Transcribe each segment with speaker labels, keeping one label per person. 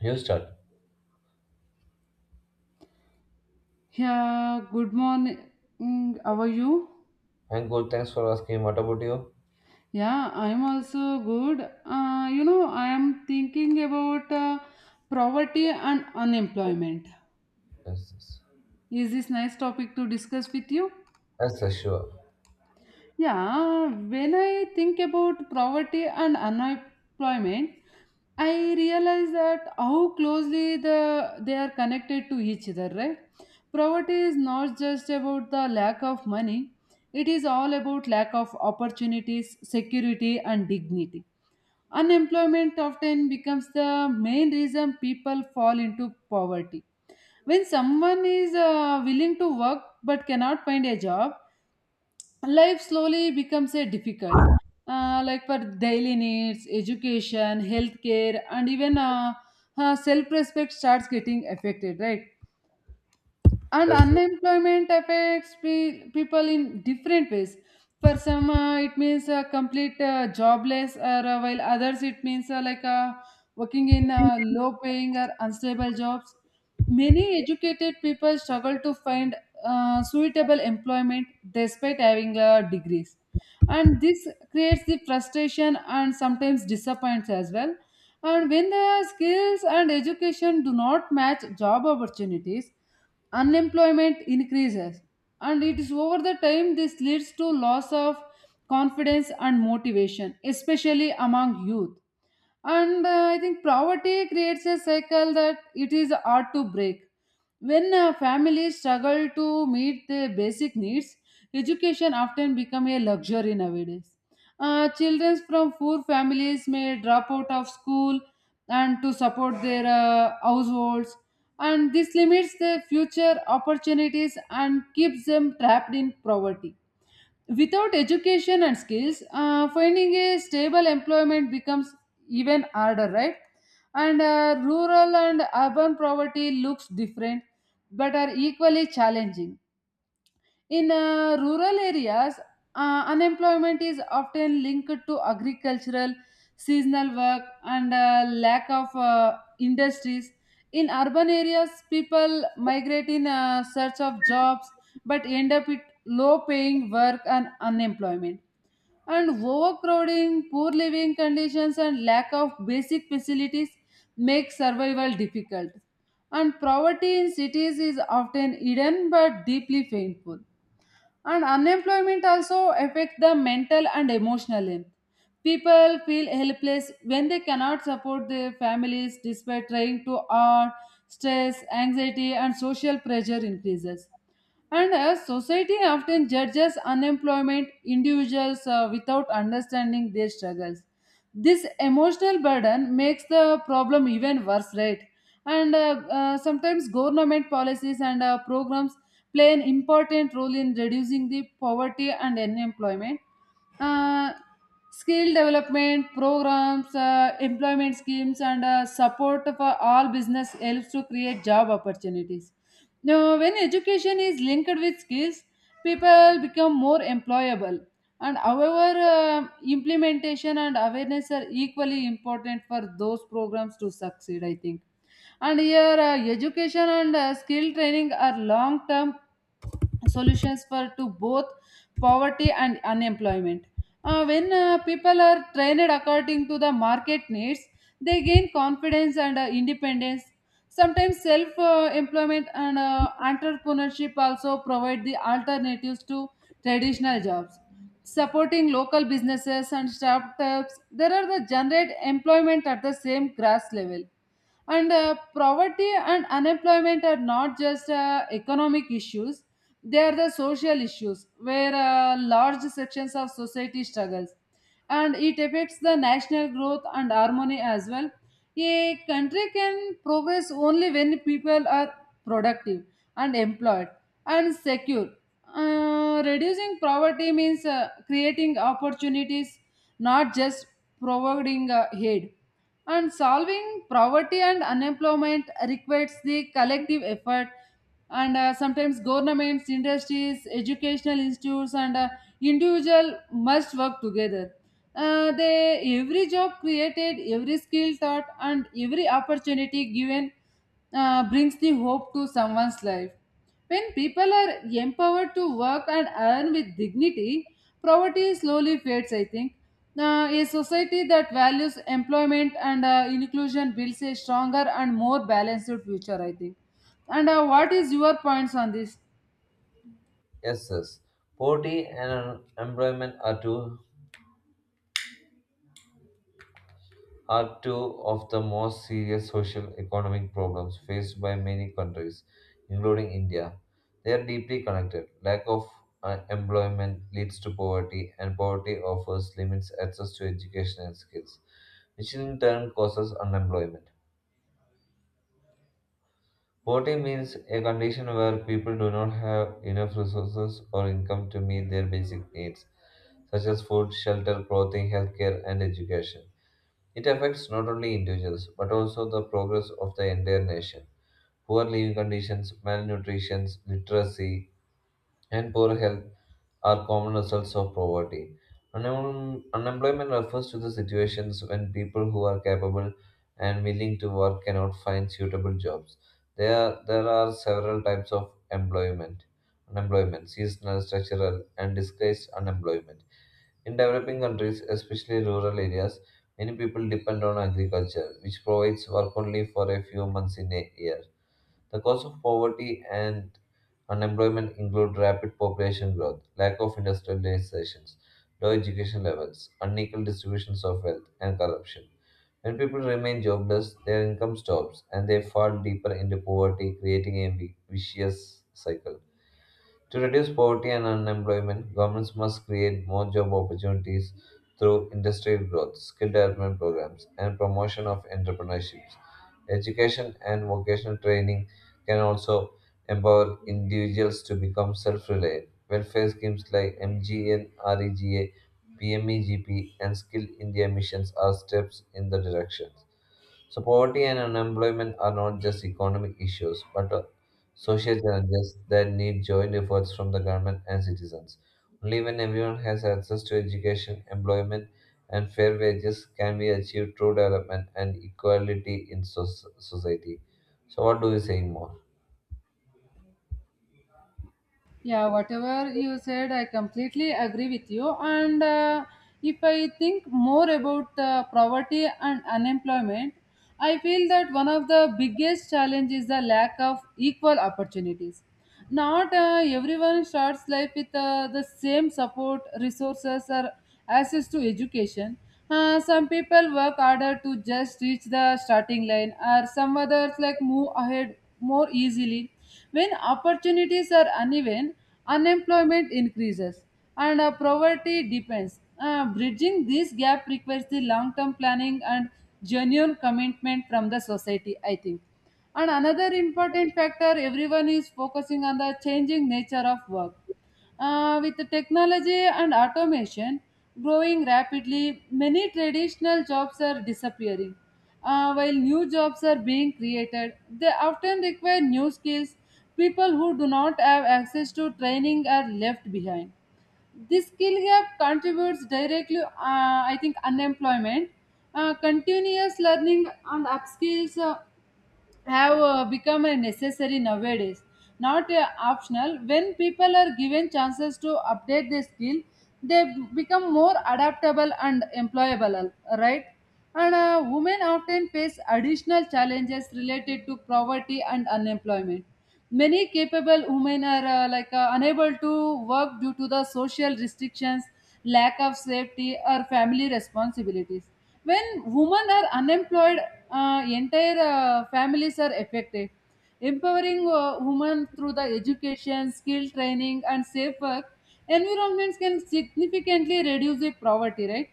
Speaker 1: You start.
Speaker 2: Yeah, good morning. How are you?
Speaker 1: I'm good. Thanks for asking. What about you?
Speaker 2: Yeah, I'm also good. You know, I am thinking about poverty and unemployment.
Speaker 1: Yes, yes.
Speaker 2: Is this nice topic to discuss with you?
Speaker 1: Yes, sir, sure.
Speaker 2: Yeah, when I think about poverty and unemployment, I realize that how closely they are connected to each other, right? Poverty is not just about the lack of money, it is all about lack of opportunities, security and dignity. Unemployment often becomes the main reason people fall into poverty. When someone is willing to work but cannot find a job, life slowly becomes a difficult like for daily needs education healthcare and even self respect starts getting affected, right. And
Speaker 1: Yes, sir.
Speaker 2: unemployment affects people in different ways. For some it means complete jobless or while others it means like working in low paying or unstable jobs. Many educated people struggle to find suitable employment despite having degrees, and this creates the frustration and sometimes disappoints as well. And when their skills and education do not match job opportunities, unemployment increases, and it is over the time this leads to loss of confidence and motivation, especially among youth. And I think poverty creates a cycle that it is hard to break. When families struggle to meet their basic needs, education often become a luxury nowadays. Children from poor families may drop out of school and to support their households, and this limits their future opportunities and keeps them trapped in poverty. Without education and skills, finding a stable employment becomes even harder, right? And rural and urban poverty looks different but are equally challenging. In rural areas, unemployment is often linked to agricultural, seasonal work, and lack of industries. In urban areas, people migrate in search of jobs but end up with low paying work and unemployment. And overcrowding, poor living conditions, and lack of basic facilities make survival difficult. And poverty in cities is often hidden but deeply painful. And unemployment also affects the mental and emotional health. People feel helpless when they cannot support their families despite trying to earn. Stress anxiety and social pressure increases, and as society often judges unemployment individuals without understanding their struggles. This emotional burden makes the problem even worse, right? And sometimes government policies and programs play an important role in reducing the poverty and unemployment. Uh, skill development programs, employment schemes, and support for all business helps to create job opportunities. Now, when education is linked with skills, people become more employable. And however, implementation and awareness are equally important for those programs to succeed, I think. And here, education and skill training are long term solutions for to both poverty and unemployment. When people are trained according to the market needs, they gain confidence and independence. Sometimes self employment and entrepreneurship also provide the alternatives to traditional jobs. Supporting local businesses and startups, there are the generate employment at the same grass level. And poverty and unemployment are not just economic issues, they are the social issues where large sections of society struggles, and it affects the national growth and harmony as well. A country can progress only when people are productive and employed and secure. Reducing poverty means creating opportunities, not just providing aid. And solving poverty and unemployment requires the collective effort, and sometimes governments, industries, educational institutes and individual must work together. They every job created, every skill taught, and every opportunity given brings the hope to someone's life. When people are empowered to work and earn with dignity, poverty slowly fades, I think. A society that values employment and inclusion builds a stronger and more balanced future, I think. And what is your points on this?
Speaker 1: Yes, yes. Poverty and unemployment are two of the most serious social economic problems faced by many countries, including India. They are deeply connected. Lack of employment leads to poverty, and poverty offers limits access to education and skills, which in turn causes unemployment. Poverty means a condition where people do not have enough resources or income to meet their basic needs, such as food, shelter, clothing, healthcare, and education. It affects not only individuals but also the progress of the entire nation. Poor living conditions, malnutrition, literacy, and poor health are common results of poverty. Unemployment refers to the situations when people who are capable and willing to work cannot find suitable jobs. There are several types of employment. Unemployment, seasonal, structural, and disguised unemployment. In developing countries, especially rural areas, many people depend on agriculture, which provides work only for a few months in a year. The cause of poverty and unemployment include rapid population growth, lack of industrializations, low education levels, unequal distributions of wealth, and corruption. When people remain jobless, their income stops and they fall deeper into poverty, creating a vicious cycle. To reduce poverty and unemployment, governments must create more job opportunities through industrial growth, skill development programs, and promotion of entrepreneurship. Education and vocational training can also empower individuals to become self reliant. Welfare schemes like MGNREGA, PMEGP, and Skill India missions are steps in the direction. So poverty and unemployment are not just economic issues, but social challenges that need joint efforts from the government and citizens. Only when everyone has access to education, employment, and fair wages can we achieve true development and equality in society. So, what do you say more?
Speaker 2: Yeah, whatever you said, I completely agree with you. And if I think more about poverty and unemployment, I feel that one of the biggest challenges is the lack of equal opportunities. Not everyone starts life with the same support, resources, or access to education. Some people work harder to just reach the starting line, or some others like move ahead more easily. When opportunities are uneven, unemployment increases and poverty depends. Bridging this gap requires the long-term planning and genuine commitment from the society, I think. And another important factor everyone is focusing on the changing nature of work. With the technology and automation growing rapidly, many traditional jobs are disappearing. While new jobs are being created, they often require new skills. People who do not have access to training are left behind. This skill gap contributes directly, I think, unemployment. Continuous learning and upskills have become a necessary nowadays, not optional. When people are given chances to update their skill, they become more adaptable and employable, right. And women often face additional challenges related to poverty and unemployment. Many capable women are like unable to work due to the social restrictions, lack of safety, or family responsibilities. When women are unemployed, entire families are affected. Empowering women through the education, skill training, and safe work environments can significantly reduce the poverty, right?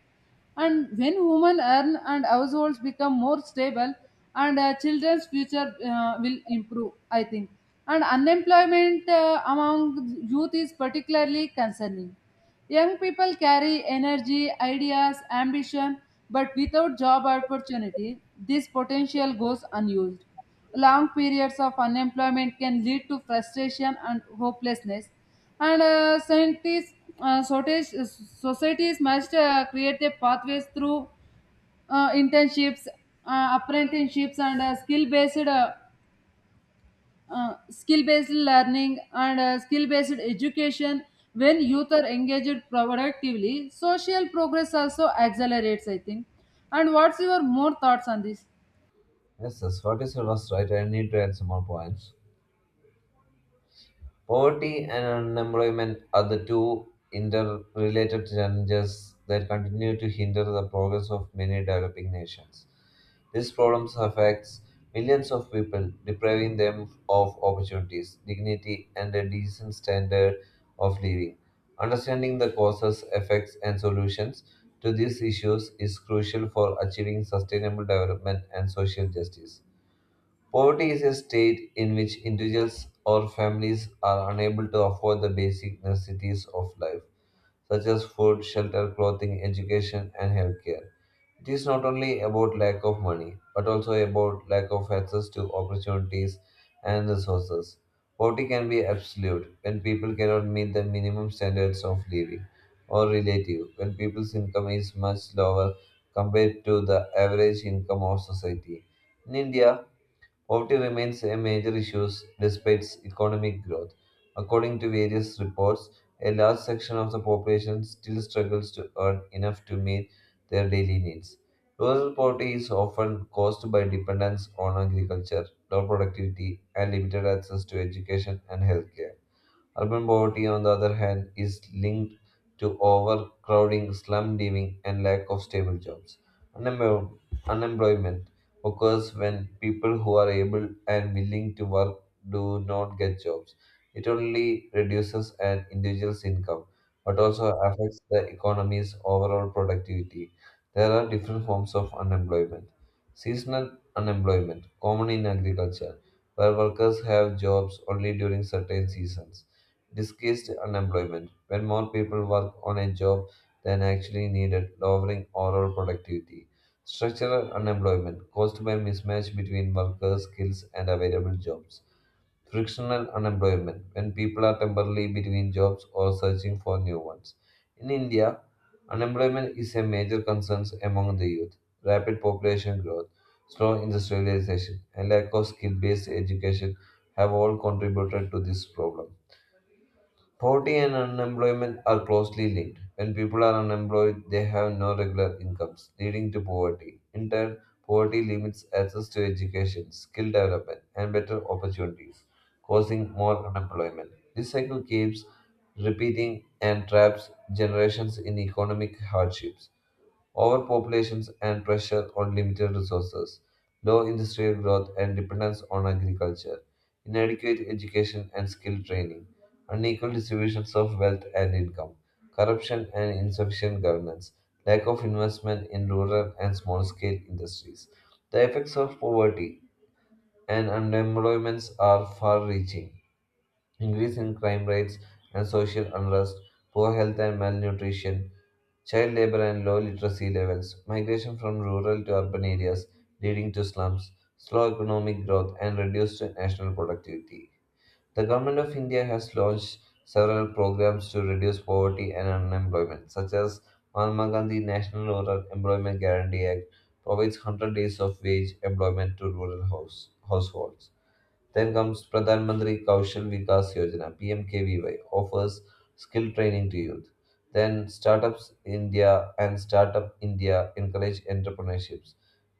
Speaker 2: And when women earn and households become more stable, and children's future will improve, I think. And unemployment among youth is particularly concerning. Young people carry energy, ideas, ambition, but without job opportunity, this potential goes unused. Long periods of unemployment can lead to frustration and hopelessness. And scientists uh, sortage- societies must create a pathways through internships, apprenticeships and skill based learning and skill based education. When youth are engaged productively, social progress also accelerates, I think. And what's your more thoughts on this?
Speaker 1: Yes, yes. What is your last right? I need to add some more points. Poverty and unemployment are the two interrelated challenges that continue to hinder the progress of many developing nations. These problems affects millions of people, depriving them of opportunities, dignity, and a decent standard of living. Understanding the causes, effects, and solutions to these issues is crucial for achieving sustainable development and social justice. Poverty is a state in which individuals or families are unable to afford the basic necessities of life, such as food, shelter, clothing, education, and healthcare. It is not only about lack of money, but also about lack of access to opportunities and resources. Poverty can be absolute when people cannot meet the minimum standards of living, or relative when people's income is much lower compared to the average income of society. In India, poverty remains a major issue despite economic growth. According to various reports, a large section of the population still struggles to earn enough to meet their daily needs. Rural poverty is often caused by dependence on agriculture, low productivity, and limited access to education and healthcare. Urban poverty, on the other hand, is linked to overcrowding, slum living, and lack of stable jobs. Unempo- Unemployment occurs when people who are able and willing to work do not get jobs. It only reduces an individual's income, but also affects the economy's overall productivity. There are different forms of unemployment. Seasonal unemployment, common in agriculture, where workers have jobs only during certain seasons disguised unemployment, when more people work on a job than actually needed, lowering overall productivity. Structural unemployment, caused by mismatch between workers' skills and available jobs. Frictional unemployment, when people are temporarily between jobs or searching for new ones. In India, unemployment is a major concern among the youth. Rapid population growth, slow industrialization, and lack of skill based education have all contributed to this problem. Poverty and unemployment are closely linked. When people are unemployed, they have no regular incomes, leading to poverty. In turn, poverty limits access to education, skill development, and better opportunities, causing more unemployment. This cycle keeps repeating and traps generations in economic hardships overpopulations and pressure on limited resources, low industrial growth and dependence on agriculture, inadequate education and skill training, unequal distributions of wealth and income, corruption and insufficient governance, lack of investment in rural and small scale industries. The effects of poverty and unemployment are far reaching increase in crime rates and social unrest, poor health and malnutrition, child labor and low literacy levels, migration from rural to urban areas leading to slums, slow economic growth, and reduced national productivity. The Government of India has launched several programs to reduce poverty and unemployment, such as Mahatma Gandhi National Rural Employment Guarantee Act provides 100 days of wage employment to rural households. Then comes Pradhan Mantri Kaushal Vikas Yojana (PMKVY) offers skill training to youth. Then Startups India and Startup India encourage entrepreneurships.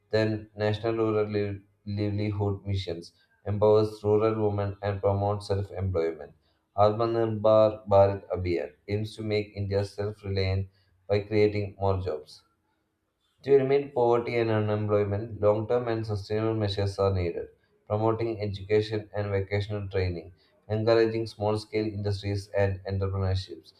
Speaker 1: Then National Rural Livelihood Missions empowers rural women and promotes self-employment. Atmanirbhar Bharat Abhiyan aims to make India self-reliant by creating more jobs. To eliminate poverty and unemployment, long term and sustainable measures are needed. Promoting education and vocational training, encouraging small scale industries and entrepreneurships,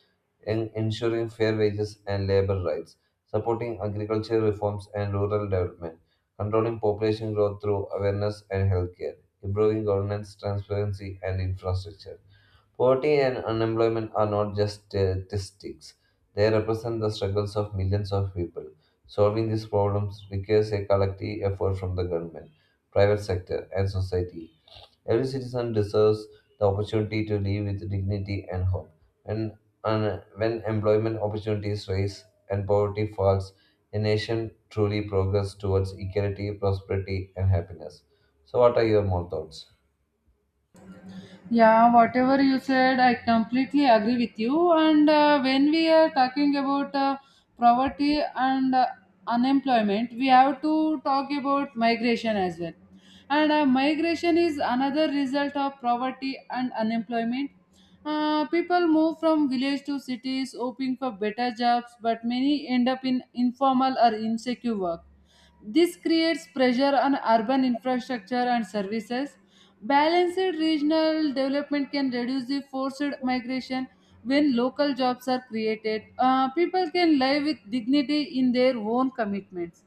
Speaker 1: ensuring fair wages and labor rights, supporting agricultural reforms and rural development, controlling population growth through awareness and healthcare, improving governance, transparency, and infrastructure. Poverty and unemployment are not just statistics, they represent the struggles of millions of people. Solving these problems requires a collective effort from the government, private sector, and society. Every citizen deserves the opportunity to live with dignity and hope. And, and when employment opportunities rise and poverty falls, a nation truly progresses towards equality, prosperity, and happiness. So, what are your more thoughts?
Speaker 2: Yeah, whatever you said, I completely agree with you. And when we are talking about poverty and unemployment, we have to talk about migration as well. And migration is another result of poverty and unemployment. People move from village to cities hoping for better jobs, but many end up in informal or insecure work. This creates pressure on urban infrastructure and services. Balanced regional development can reduce the forced migration when local jobs are created. People can live with dignity in their own commitments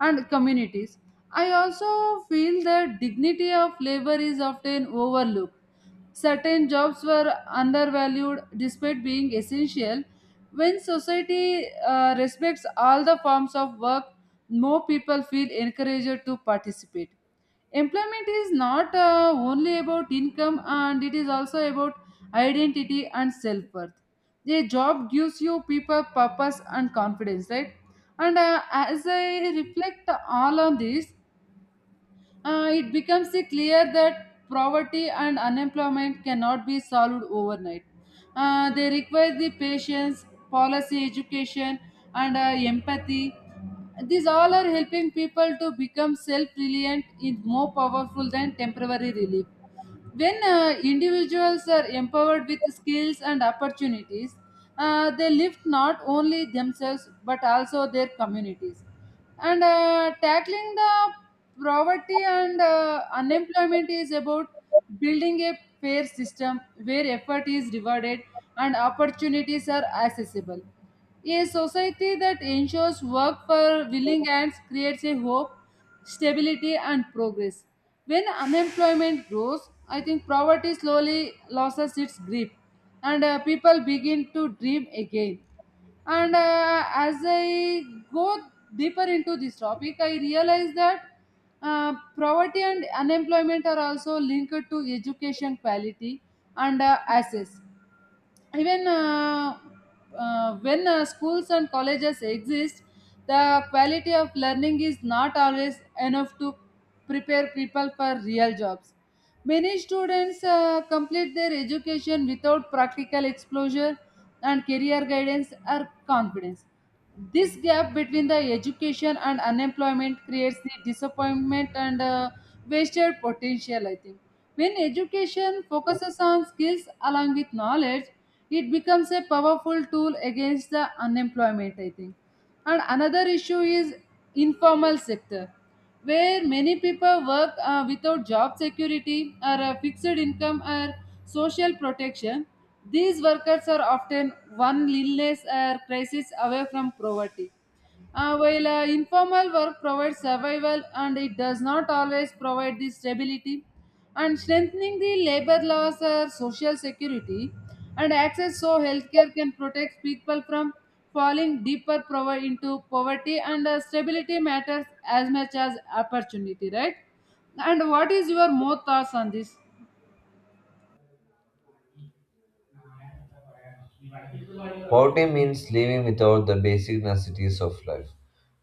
Speaker 2: and communities. I also feel that dignity of labor is often overlooked. Certain jobs were undervalued despite being essential. When society respects all the forms of work, more people feel encouraged to participate. Employment is not only about income, and it is also about identity and self worth. A job gives you people purpose and confidence, right? And as I reflect all on this, it becomes clear that poverty and unemployment cannot be solved overnight. They require the patience, policy education, and empathy. These all are helping people to become self reliant is more powerful than temporary relief. When individuals are empowered with skills and opportunities, they lift not only themselves but also their communities. And tackling the poverty and unemployment is about building a fair system where effort is rewarded and opportunities are accessible. A society that ensures work for willing hands creates a hope, stability, and progress. When unemployment grows, I think poverty slowly loses its grip, and people begin to dream again. And as I go deeper into this topic, I realize that uh, poverty and unemployment are also linked to education quality and access. Even when schools and colleges exist, the quality of learning is not always enough to prepare people for real jobs. Many students complete their education without practical exposure and career guidance or confidence. This gap between the education and unemployment creates the disappointment and wasted potential, I think. When education focuses on skills along with knowledge, it becomes a powerful tool against the unemployment, I think. And another issue is informal sector where many people work without job security or a fixed income or social protection. These workers are often one illness or crisis away from poverty. While informal work provides survival, and it does not always provide the stability, and strengthening the labor laws or social security and access so healthcare can protect people from falling deeper into poverty. And stability matters as much as opportunity, right? And what is your more thoughts on this?
Speaker 1: Poverty means living without the basic necessities of life,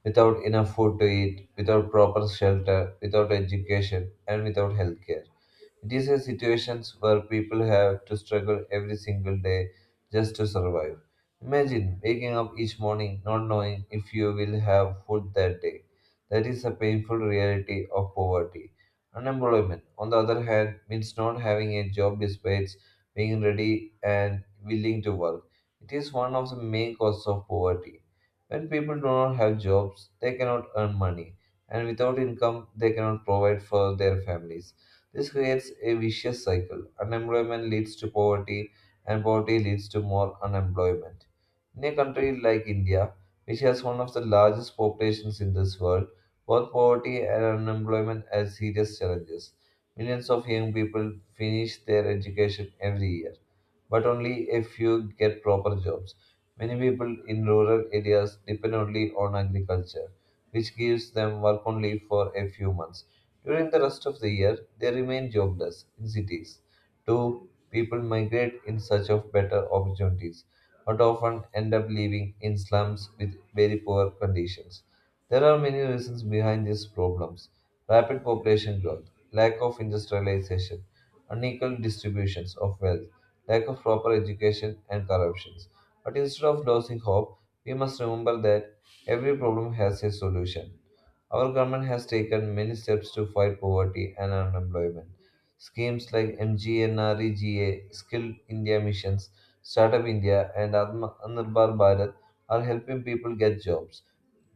Speaker 1: without enough food to eat, without proper shelter, without education, and without healthcare. It is a situation where people have to struggle every single day just to survive. Imagine waking up each morning not knowing if you will have food that day. That is a painful reality of poverty. Unemployment, on the other hand, means not having a job despite being ready and willing to work. It is one of the main causes of poverty. When people do not have jobs, they cannot earn money, and without income, they cannot provide for their families. This creates a vicious cycle. Unemployment leads to poverty, and poverty leads to more unemployment. In a country like India, which has one of the largest populations in this world, both poverty and unemployment are serious challenges. Millions of young people finish their education every year but only a few get proper jobs. Many people in rural areas depend only on agriculture, which gives them work only for a few months. During the rest of the year, they remain jobless in cities. Two, people migrate in search of better opportunities, but often end up living in slums with very poor conditions. There are many reasons behind these problems rapid population growth, lack of industrialization, unequal distributions of wealth, lack of proper education, and corruptions. But instead of losing hope, we must remember that every problem has a solution. Our government has taken many steps to fight poverty and unemployment. Schemes like MGNREGA, Skilled India Missions, Startup India, and Atmanirbhar Bharat are helping people get jobs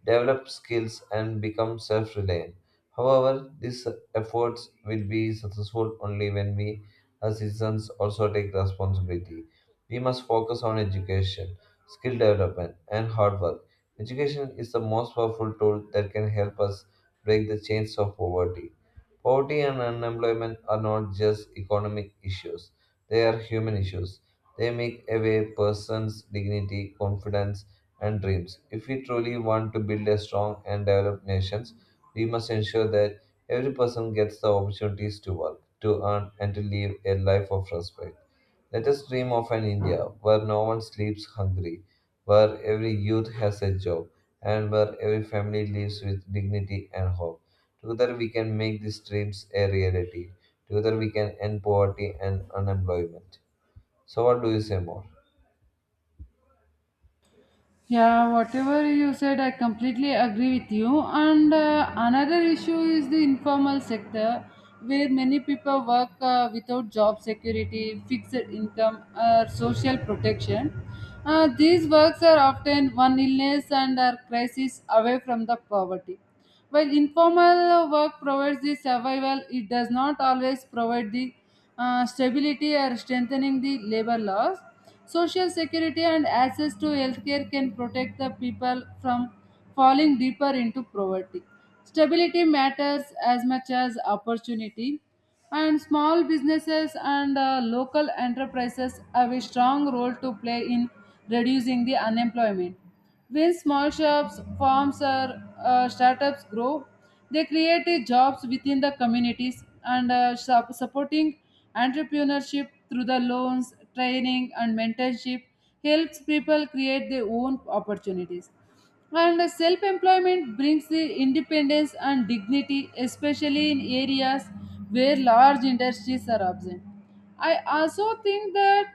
Speaker 1: develop skills, and become self reliant. However, these efforts will be successful only when we, as citizens, also take responsibility. We must focus on education, skill development, and hard work. Education is the most powerful tool that can help us break the chains of poverty. Poverty and unemployment are not just economic issues, they are human issues. They make away person's dignity, confidence, and dreams. If we truly want to build a strong and developed nation, we must ensure that every person gets the opportunities to work, to earn, and to live a life of respect. Let us dream of an India where no one sleeps hungry, where every youth has a job, and where every family lives with dignity and hope. Together we can make these dreams a reality. Together we can end poverty and unemployment. So, what do you say more?
Speaker 2: Yeah, whatever you said, I completely agree with you. And another issue is the informal sector, where many people work without job security, fixed income, or social protection. These works are often one illness and are crisis away from the poverty. While informal work provides the survival, it does not always provide the stability or strengthening the labor laws. Social security and access to healthcare can protect the people from falling deeper into poverty. Stability matters as much as opportunity, and small businesses and local enterprises have a strong role to play in reducing the unemployment. When small shops, farms, or startups grow, they create jobs within the communities, and supporting entrepreneurship through the loans, training, and mentorship helps people create their own opportunities. And self employment brings the independence and dignity, especially in areas where large industries are absent. I also think that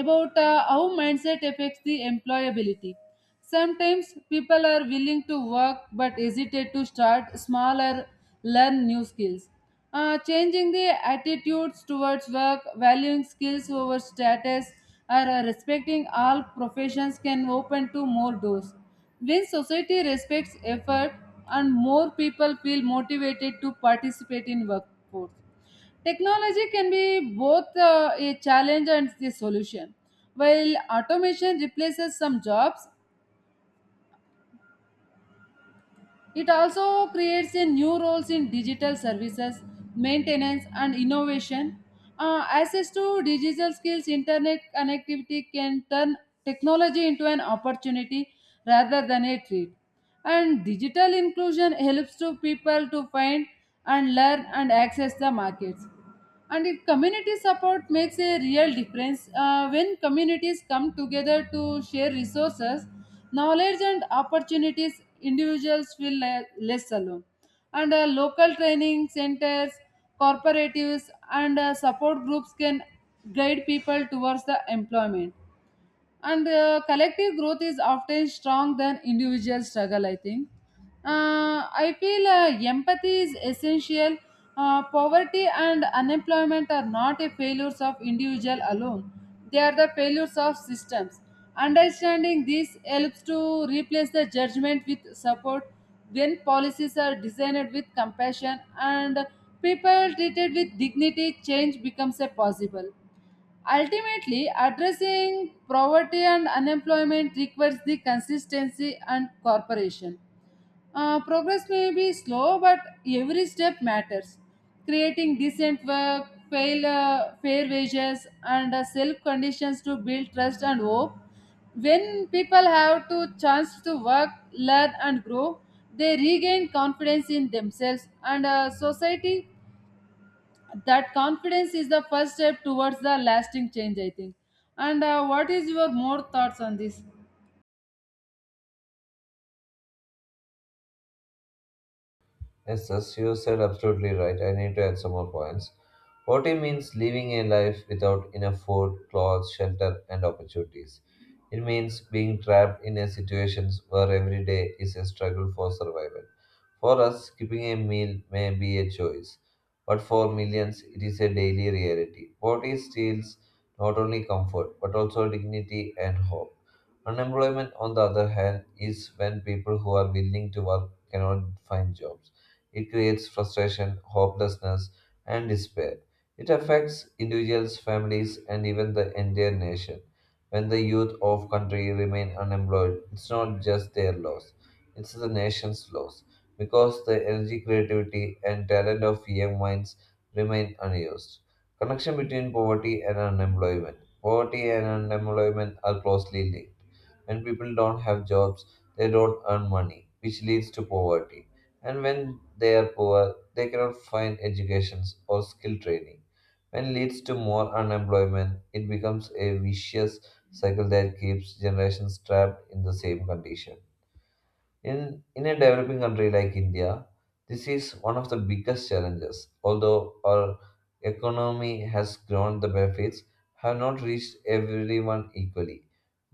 Speaker 2: about how mindset affects the employability. Sometimes people are willing to work but hesitate to start small or learn new skills. Changing the attitudes towards work, valuing skills over status, or respecting all professions can open to more doors. When society respects effort and more people feel motivated to participate in workforce. Technology can be both a challenge and the solution. While automation replaces some jobs, it also creates a new roles in digital services, maintenance, and innovation. Access to digital skills, internet connectivity can turn technology into an opportunity rather than a threat. And digital inclusion helps to people to find and learn and access the markets. And if community support makes a real difference, when communities come together to share resources knowledge and opportunities, individuals feel less alone. And local training centers, cooperatives and support groups can guide people towards the employment. And collective growth is often strong than individual struggle, I think. I feel empathy is essential. Uh, poverty and unemployment are not a failures of individual alone, they are the failures of systems. Understanding this helps to replace the judgment with support. When policies are designed with compassion and people treated with dignity, change becomes a possible. Ultimately, addressing poverty and unemployment requires the consistency and cooperation. Progress may be slow, but every step matters. Creating decent work, fair wages, and safe conditions to build trust and hope. When people have to chance to work, learn, and grow, they regain confidence in themselves and society. That confidence is the first step towards the lasting change, I think. And what is your more thoughts on this?
Speaker 1: Yes, as you said, absolutely right. I need to add some more points. Poverty means living a life without enough food, clothes, shelter, and opportunities. It means being trapped in a situation where every day is a struggle for survival. For us, skipping a meal may be a choice, but for millions, it is a daily reality. Poverty steals not only comfort, but also dignity and hope. Unemployment, on the other hand, is when people who are willing to work cannot find jobs. It creates frustration, hopelessness, and despair. It affects individuals, families, and even the entire nation. When the youth of country remain unemployed, it's not just their loss, it's the nation's loss because the energy, creativity, and talent of young minds remain unused. Connection between poverty and unemployment. Poverty and unemployment are closely linked. When people don't have jobs, they don't earn money, which leads to poverty. And when they are poor, they cannot find educations or skill training. When leads to more unemployment, it becomes a vicious cycle that keeps generations trapped in the same condition. In a developing country like India, this is one of the biggest challenges. Although our economy has grown, the benefits have not reached everyone equally.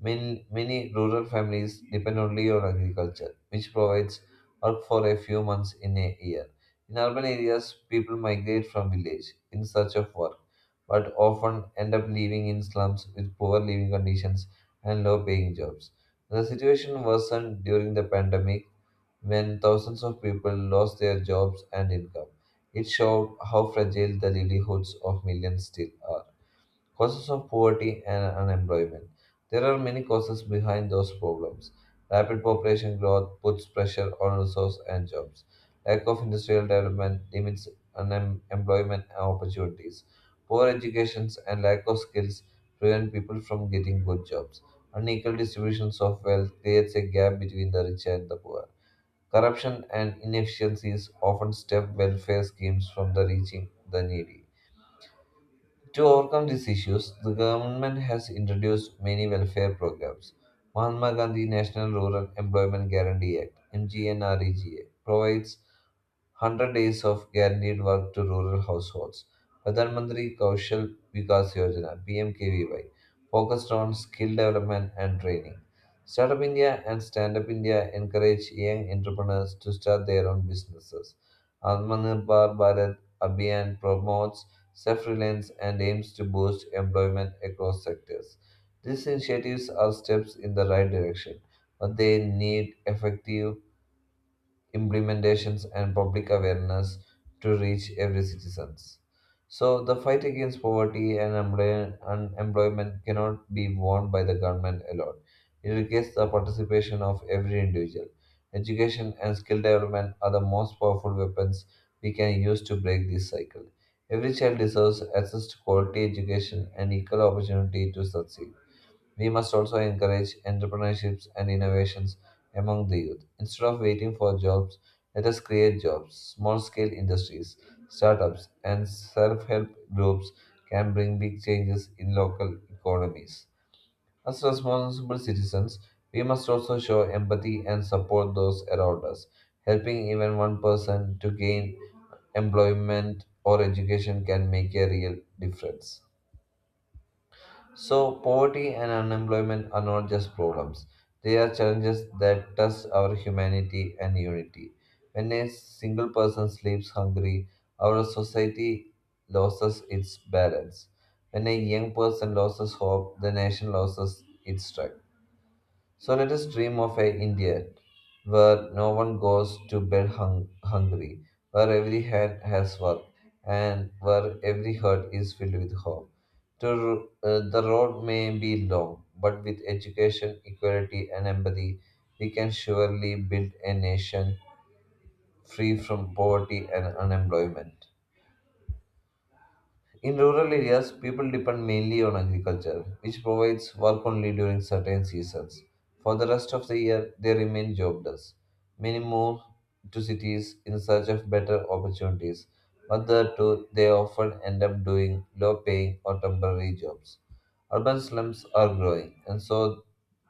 Speaker 1: Many rural families depend only on agriculture, which provides work for a few months in a year. In urban areas, people migrate from village in search of work, but often end up living in slums with poor living conditions and low paying jobs. The situation worsened during the pandemic when thousands of people lost their jobs and income. It showed how fragile the livelihoods of millions still are. Causes of poverty and unemployment. There are many causes behind those problems. Rapid population growth puts pressure on resources and jobs. Lack of industrial development limits unemployment opportunities. Poor educations and lack of skills prevent people from getting good jobs. Unequal distributions of wealth creates a gap between the rich and the poor. Corruption and inefficiencies often stop welfare schemes from the reaching the needy. To overcome these issues, the government has introduced many welfare programs. Mahatma Gandhi National Rural Employment Guarantee Act (MGNREGA) provides 100 days of guaranteed work to rural households. Pradhan Mantri Kaushal Vikas Yojana (PMKVY) focused on skill development and training. Startup India and Stand Up India encourage young entrepreneurs to start their own businesses. Atmanirbhar Bharat Abhiyan promotes self-reliance and aims to boost employment across sectors. These initiatives are steps in the right direction, but they need effective implementations and public awareness to reach every citizens. So the fight against poverty and unemployment cannot be won by the government alone. It requires the participation of every individual. Education and skill development are the most powerful weapons we can use to break this cycle. Every child deserves access to quality education and equal opportunity to succeed. We must also encourage entrepreneurships and innovations among the youth. Instead of waiting for jobs, let us create jobs. Small scale industries, startups, and self help groups can bring big changes in local economies. As responsible citizens, we must also show empathy and support those around us. Helping even one person to gain employment or education can make a real difference. So, poverty and unemployment are not just problems, they are challenges that test our humanity and unity. When a single person sleeps hungry, our society loses its balance. When a young person loses hope, the nation loses its strength. So let us dream of a India where no one goes to bed hungry, where every hand has work, and where every heart is filled with hope. The road may be long, but with education, equality, and empathy, we can surely build a nation free from poverty and unemployment. In rural areas, people depend mainly on agriculture, which provides work only during certain seasons. For the rest of the year, they remain jobless. Many move to cities in search of better opportunities, but there too, they often end up doing low paying or temporary jobs. Urban slums are growing, and so,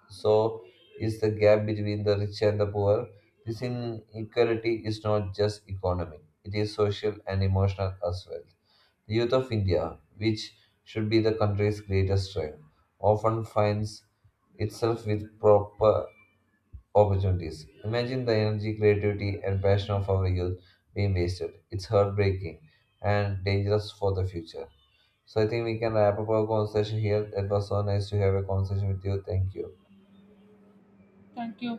Speaker 1: so is the gap between the rich and the poor. This inequality is not just economic, it is social and emotional as well. Youth of India, which should be the country's greatest strength, often finds itself with proper opportunities. Imagine the energy, creativity, and passion of our youth being wasted. It's heartbreaking and dangerous for the future. So I think we can wrap up our conversation here. It was so nice to have a conversation with you. Thank you.
Speaker 2: Thank you.